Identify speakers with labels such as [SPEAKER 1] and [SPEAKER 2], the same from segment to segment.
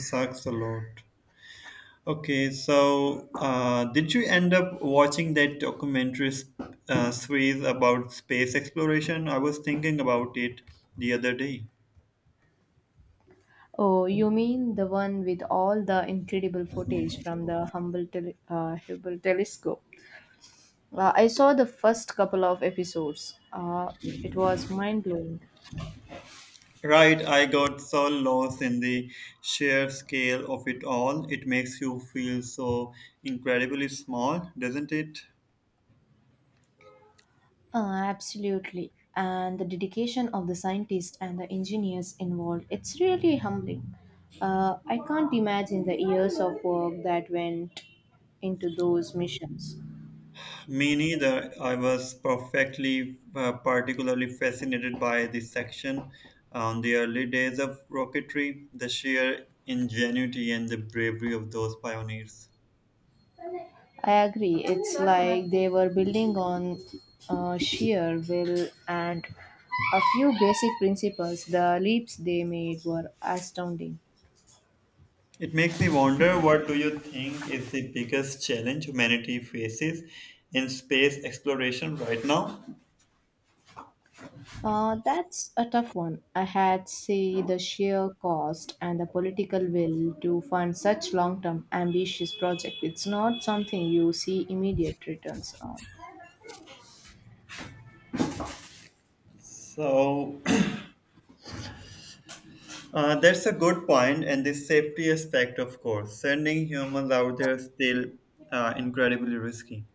[SPEAKER 1] Sucks a lot. Okay, did you end up watching that documentary series about space exploration? I was thinking about it the other day.
[SPEAKER 2] Oh, you mean the one with all the incredible footage from the Hubble telescope? I saw the first couple of episodes. It was mind blowing.
[SPEAKER 1] Right, I got so lost in the sheer scale of it all. It makes you feel so incredibly small, doesn't it?
[SPEAKER 2] Absolutely. And the dedication of the scientists and the engineers involved, it's really humbling. I can't imagine the years of work that went into those missions.
[SPEAKER 1] Me neither. I was particularly fascinated by this section on the early days of rocketry, the sheer ingenuity and the bravery of those pioneers.
[SPEAKER 2] I agree. It's like they were building on sheer will and a few basic principles. The leaps they made were astounding.
[SPEAKER 1] It makes me wonder, what do you think is the biggest challenge humanity faces in space exploration right now?
[SPEAKER 2] That's a tough one. I had see the sheer cost and the political will to fund such long-term ambitious project. It's not something you see immediate returns on.
[SPEAKER 1] So that's a good point, and the safety aspect, of course. Sending humans out there is still incredibly risky.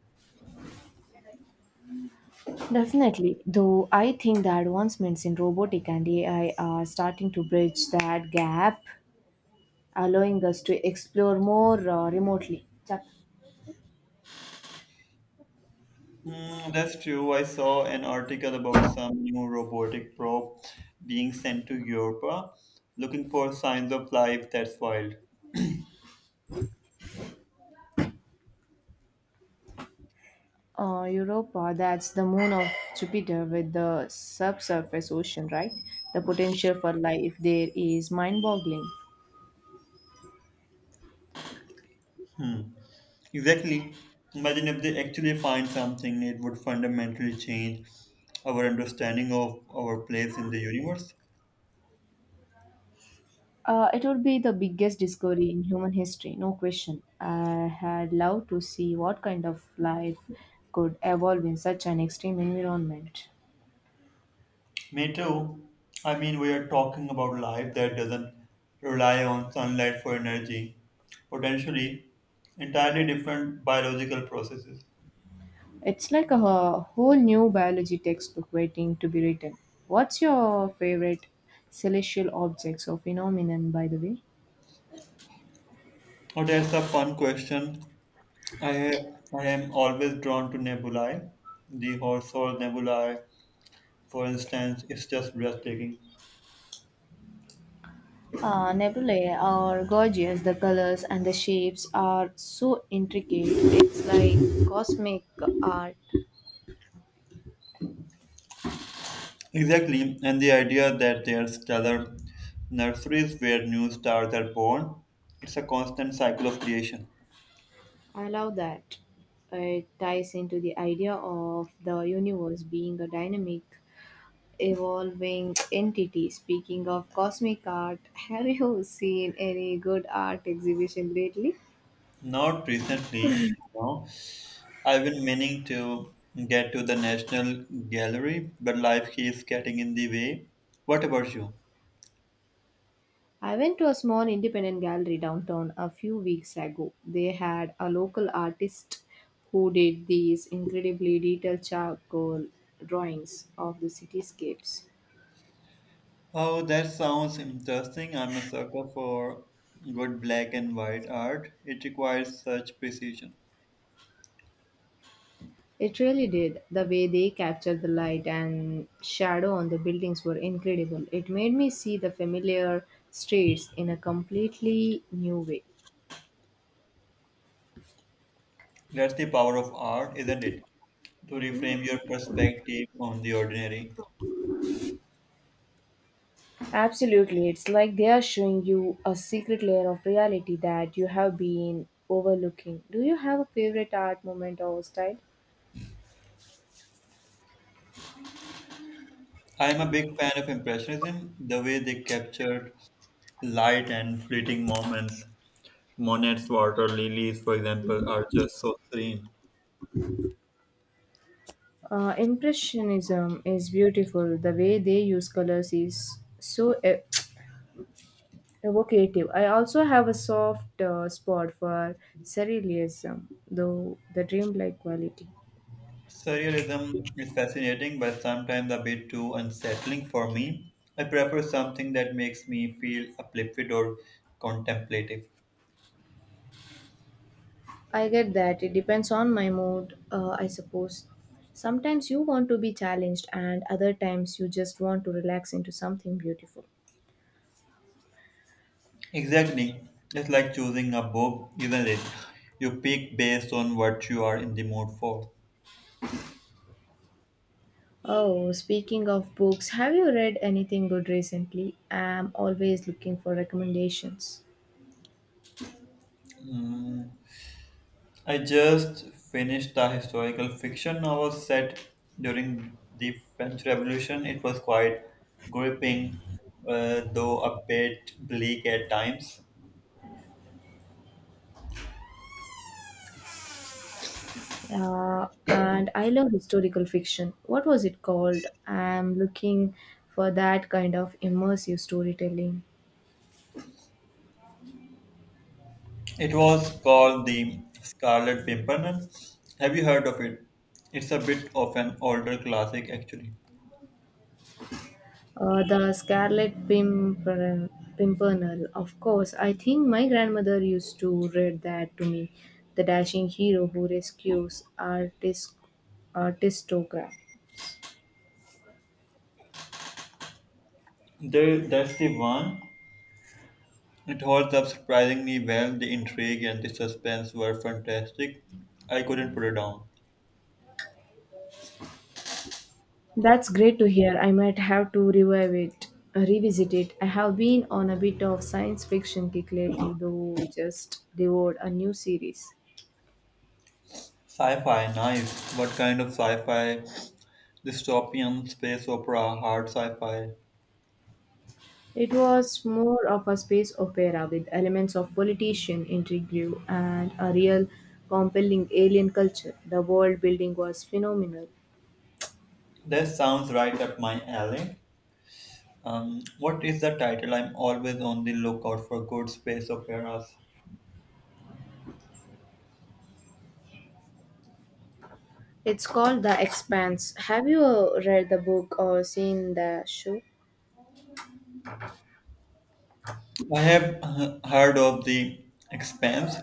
[SPEAKER 2] Definitely, though I think the advancements in robotic and AI are starting to bridge that gap allowing us to explore more remotely.
[SPEAKER 1] Hmm, that's true. I saw an article about some new robotic probe being sent to Europe, looking for signs of life. That's wild.
[SPEAKER 2] Europa, that's the moon of Jupiter with the subsurface ocean, right? The potential for life there is mind boggling.
[SPEAKER 1] Hmm. Exactly. Imagine if they actually find something, it would fundamentally change our understanding of our place in the universe.
[SPEAKER 2] It would be the biggest discovery in human history, no question. I had loved to see what kind of life could evolve in such an extreme environment.
[SPEAKER 1] Me too. I mean, we are talking about life that doesn't rely on sunlight for energy, potentially entirely different biological processes.
[SPEAKER 2] It's like a whole new biology textbook waiting to be written. What's your favorite celestial objects or phenomenon, by the way?
[SPEAKER 1] Oh, that's a fun question. I, I am always drawn to nebulae. The Horsehold nebulae, for instance, is just breathtaking.
[SPEAKER 2] Nebulae are gorgeous. The colors and the shapes are so intricate. It's like cosmic art.
[SPEAKER 1] Exactly, and the idea that there are stellar nurseries where new stars are born, it's a constant cycle of creation.
[SPEAKER 2] I love that. It ties into the idea of the universe being a dynamic, evolving entity. Speaking of cosmic art, have you seen any good art exhibition lately?
[SPEAKER 1] Not recently, no. I've been meaning to get to the National Gallery, but life keeps getting in the way. What about you?
[SPEAKER 2] I went to a small independent gallery downtown a few weeks ago. They had a local artist who did these incredibly detailed charcoal drawings of the cityscapes.
[SPEAKER 1] Oh, that sounds interesting. I'm a sucker for good black and white art. It requires such precision.
[SPEAKER 2] It really did. The way they captured the light and shadow on the buildings were incredible. It made me see the familiar streets in a completely new way.
[SPEAKER 1] That's the power of art, isn't it? To reframe your perspective on the ordinary.
[SPEAKER 2] Absolutely. It's like they are showing you a secret layer of reality that you have been overlooking. Do you have a favorite art moment or style?
[SPEAKER 1] I am a big fan of Impressionism, the way they captured light and fleeting moments. Monet's water lilies, for example, are just so serene.
[SPEAKER 2] Impressionism is beautiful. The way they use colors is so evocative. I also have a soft spot for surrealism, though the dreamlike quality.
[SPEAKER 1] Surrealism is fascinating, but sometimes a bit too unsettling for me. I prefer something that makes me feel uplifted or contemplative.
[SPEAKER 2] I get that. It depends on my mood, I suppose. Sometimes you want to be challenged, and other times you just want to relax into something beautiful.
[SPEAKER 1] Exactly. It's like choosing a book, isn't it? You pick based on what you are in the mood for.
[SPEAKER 2] Oh, speaking of books, have you read anything good recently? I'm always looking for recommendations.
[SPEAKER 1] I just finished a historical fiction novel set during the French Revolution. It was quite gripping, though a bit bleak at times.
[SPEAKER 2] And I love historical fiction. What was it called? I'm looking for that kind of immersive storytelling.
[SPEAKER 1] It was called The Scarlet Pimpernel. Have you heard of it? It's a bit of an older classic, actually.
[SPEAKER 2] The Scarlet Pimpernel, of course. I think my grandmother used to read that to me. The dashing hero who rescues artistocrat.
[SPEAKER 1] There, that's the one. It holds up surprisingly well. The intrigue and the suspense were fantastic. I couldn't put it down.
[SPEAKER 2] That's great to hear. I might have to revisit it. I have been on a bit of science fiction kick lately, though just devoured a new series.
[SPEAKER 1] Sci-fi, nice. What kind of sci-fi? Dystopian, space opera, hard sci-fi.
[SPEAKER 2] It was more of a space opera with elements of politician intrigue and a real compelling alien culture. The world building was phenomenal.
[SPEAKER 1] That sounds right up my alley. What is the title? I'm always on the lookout for good space operas.
[SPEAKER 2] It's called The Expanse. Have you read the book or seen the show?
[SPEAKER 1] I have heard of The Expanse,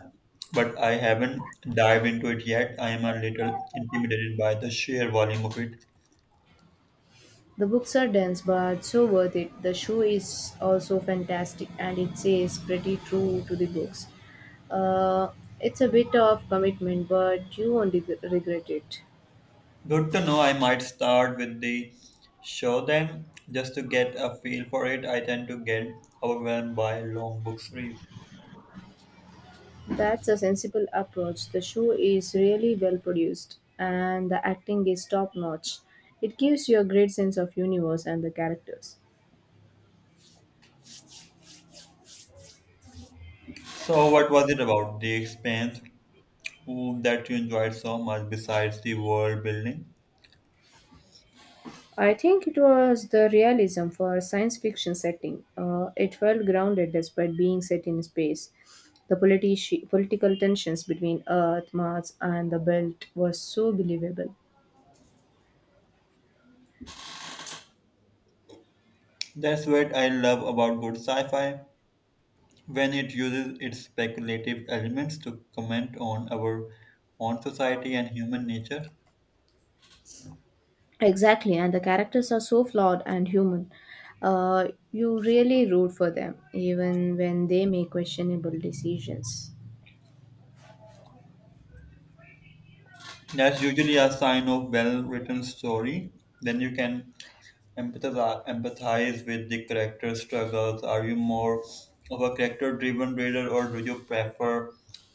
[SPEAKER 1] but I haven't dived into it yet. I am a little intimidated by the sheer volume of it.
[SPEAKER 2] The books are dense but so worth it. The show is also fantastic and it stays pretty true to the books. Uh, it's a bit of commitment but you won't regret it.
[SPEAKER 1] Good to know. I might start with the show then, just to get a feel for it. I tend to get overwhelmed by long book series.
[SPEAKER 2] That's a sensible approach. The show is really well produced and the acting is top notch. It gives you a great sense of universe and the characters.
[SPEAKER 1] So, what was it about The Expanse that you enjoyed so much besides the world building?
[SPEAKER 2] I think it was the realism for a science fiction setting. It felt grounded despite being set in space. The political tensions between Earth, Mars, and the Belt were so believable.
[SPEAKER 1] That's what I love about good sci fi, when it uses its speculative elements to comment on our own society and human nature.
[SPEAKER 2] Exactly, and the characters are so flawed and human. You really root for them, even when they make questionable decisions.
[SPEAKER 1] That's usually a sign of well-written story. Then you can empathize with the character's struggles. Are you more of a character-driven reader, or do you prefer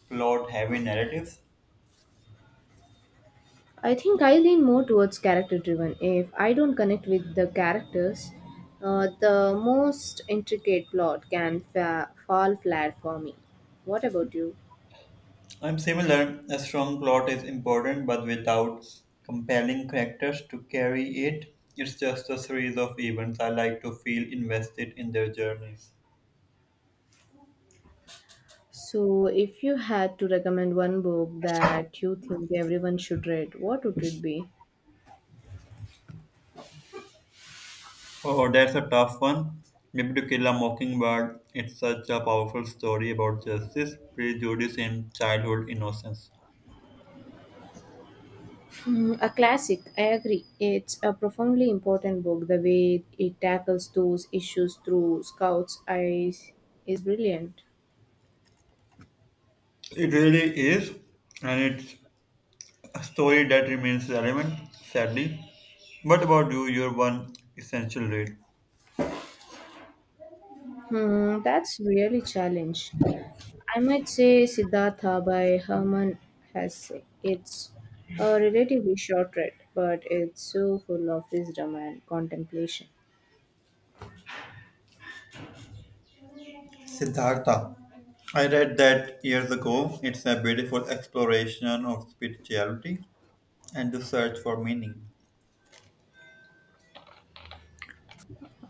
[SPEAKER 1] plot-heavy narratives?
[SPEAKER 2] I think I lean more towards character driven. If I don't connect with the characters, the most intricate plot can fall flat for me. What about you?
[SPEAKER 1] I'm similar. A strong plot is important, but without compelling characters to carry it, it's just a series of events. I like to feel invested in their journeys.
[SPEAKER 2] So, if you had to recommend one book that you think everyone should read, what would it be?
[SPEAKER 1] Oh, that's a tough one. Maybe To Kill a Mockingbird. It's such a powerful story about justice, prejudice, and childhood innocence.
[SPEAKER 2] Mm, a classic, I agree. It's a profoundly important book. The way it tackles those issues through Scout's eyes is brilliant.
[SPEAKER 1] It really is, and it's a story that remains relevant, sadly. What about you? Your one essential read?
[SPEAKER 2] Hmm, that's really challenge. I might say Siddhartha by Herman Hesse. It's a relatively short read, but it's so full of wisdom and contemplation.
[SPEAKER 1] Siddhartha. I read that years ago. It's a beautiful exploration of spirituality and the search for meaning.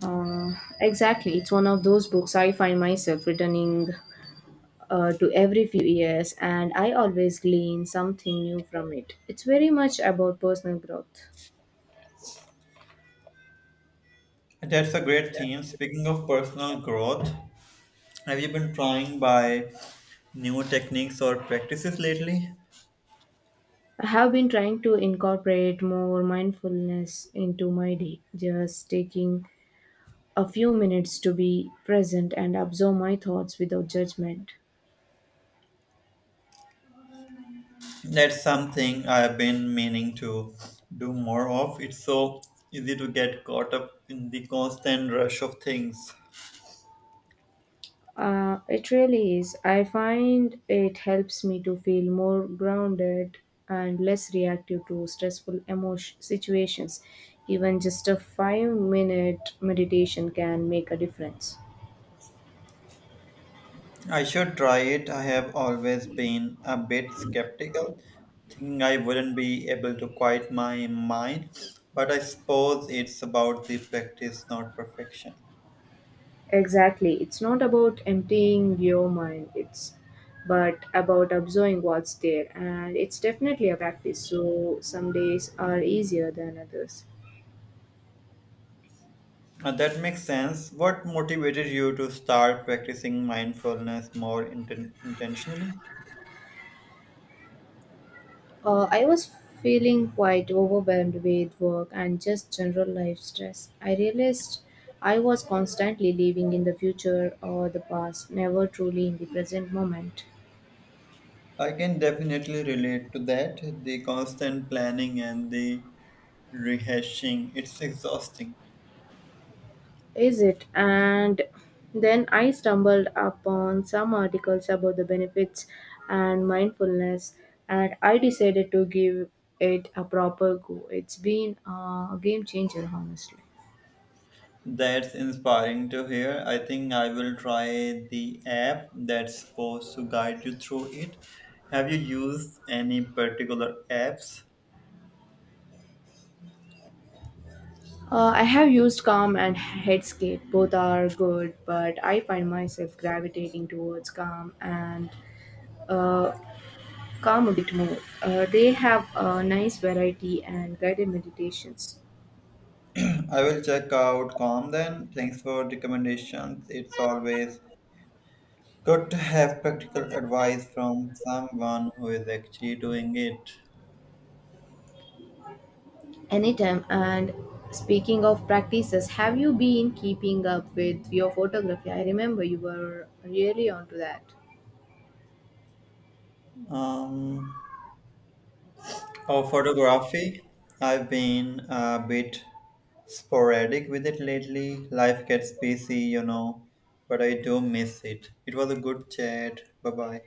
[SPEAKER 2] Uh, exactly. It's one of those books I find myself returning to every few years, and I always glean something new from it. It's very much about personal growth.
[SPEAKER 1] That's a great theme. Speaking of personal growth, have you been trying by new techniques or practices lately?
[SPEAKER 2] I have been trying to incorporate more mindfulness into my day, just taking a few minutes to be present and absorb my thoughts without judgment.
[SPEAKER 1] That's something I've been meaning to do more of. It's so easy to get caught up in the constant rush of things.
[SPEAKER 2] It really is. I find it helps me to feel more grounded and less reactive to stressful emotion situations. Even just a 5-minute meditation can make a difference.
[SPEAKER 1] I should try it. I have always been a bit skeptical, thinking I wouldn't be able to quiet my mind, but I suppose it's about the practice, not perfection.
[SPEAKER 2] Exactly. It's not about emptying your mind, it's but about observing what's there. And it's definitely a practice. So some days are easier than others.
[SPEAKER 1] That makes sense. What motivated you to start practicing mindfulness more intentionally?
[SPEAKER 2] I was feeling quite overwhelmed with work and just general life stress. I realized I was constantly living in the future or the past, never truly in the present moment.
[SPEAKER 1] I can definitely relate to that. The constant planning and the rehashing, it's exhausting.
[SPEAKER 2] Is it? And then I stumbled upon some articles about the benefits and mindfulness, and I decided to give it a proper go. It's been a game changer, honestly.
[SPEAKER 1] That's inspiring to hear. I think I will try the app that's supposed to guide you through it. Have you used any particular apps?
[SPEAKER 2] I have used Calm and Headscape. Both are good, but I find myself gravitating towards Calm and uh, Calm a bit more. They have a nice variety and guided meditations.
[SPEAKER 1] I will check out Calm then. Thanks for recommendations. It's always good to have practical advice from someone who is actually doing it.
[SPEAKER 2] Anytime. And speaking of practices, have you been keeping up with your photography? I remember you were really onto that.
[SPEAKER 1] Um, Oh, photography. I've been a bit sporadic with it lately. Life gets busy, you know, but I do miss it. It was a good chat. Bye bye.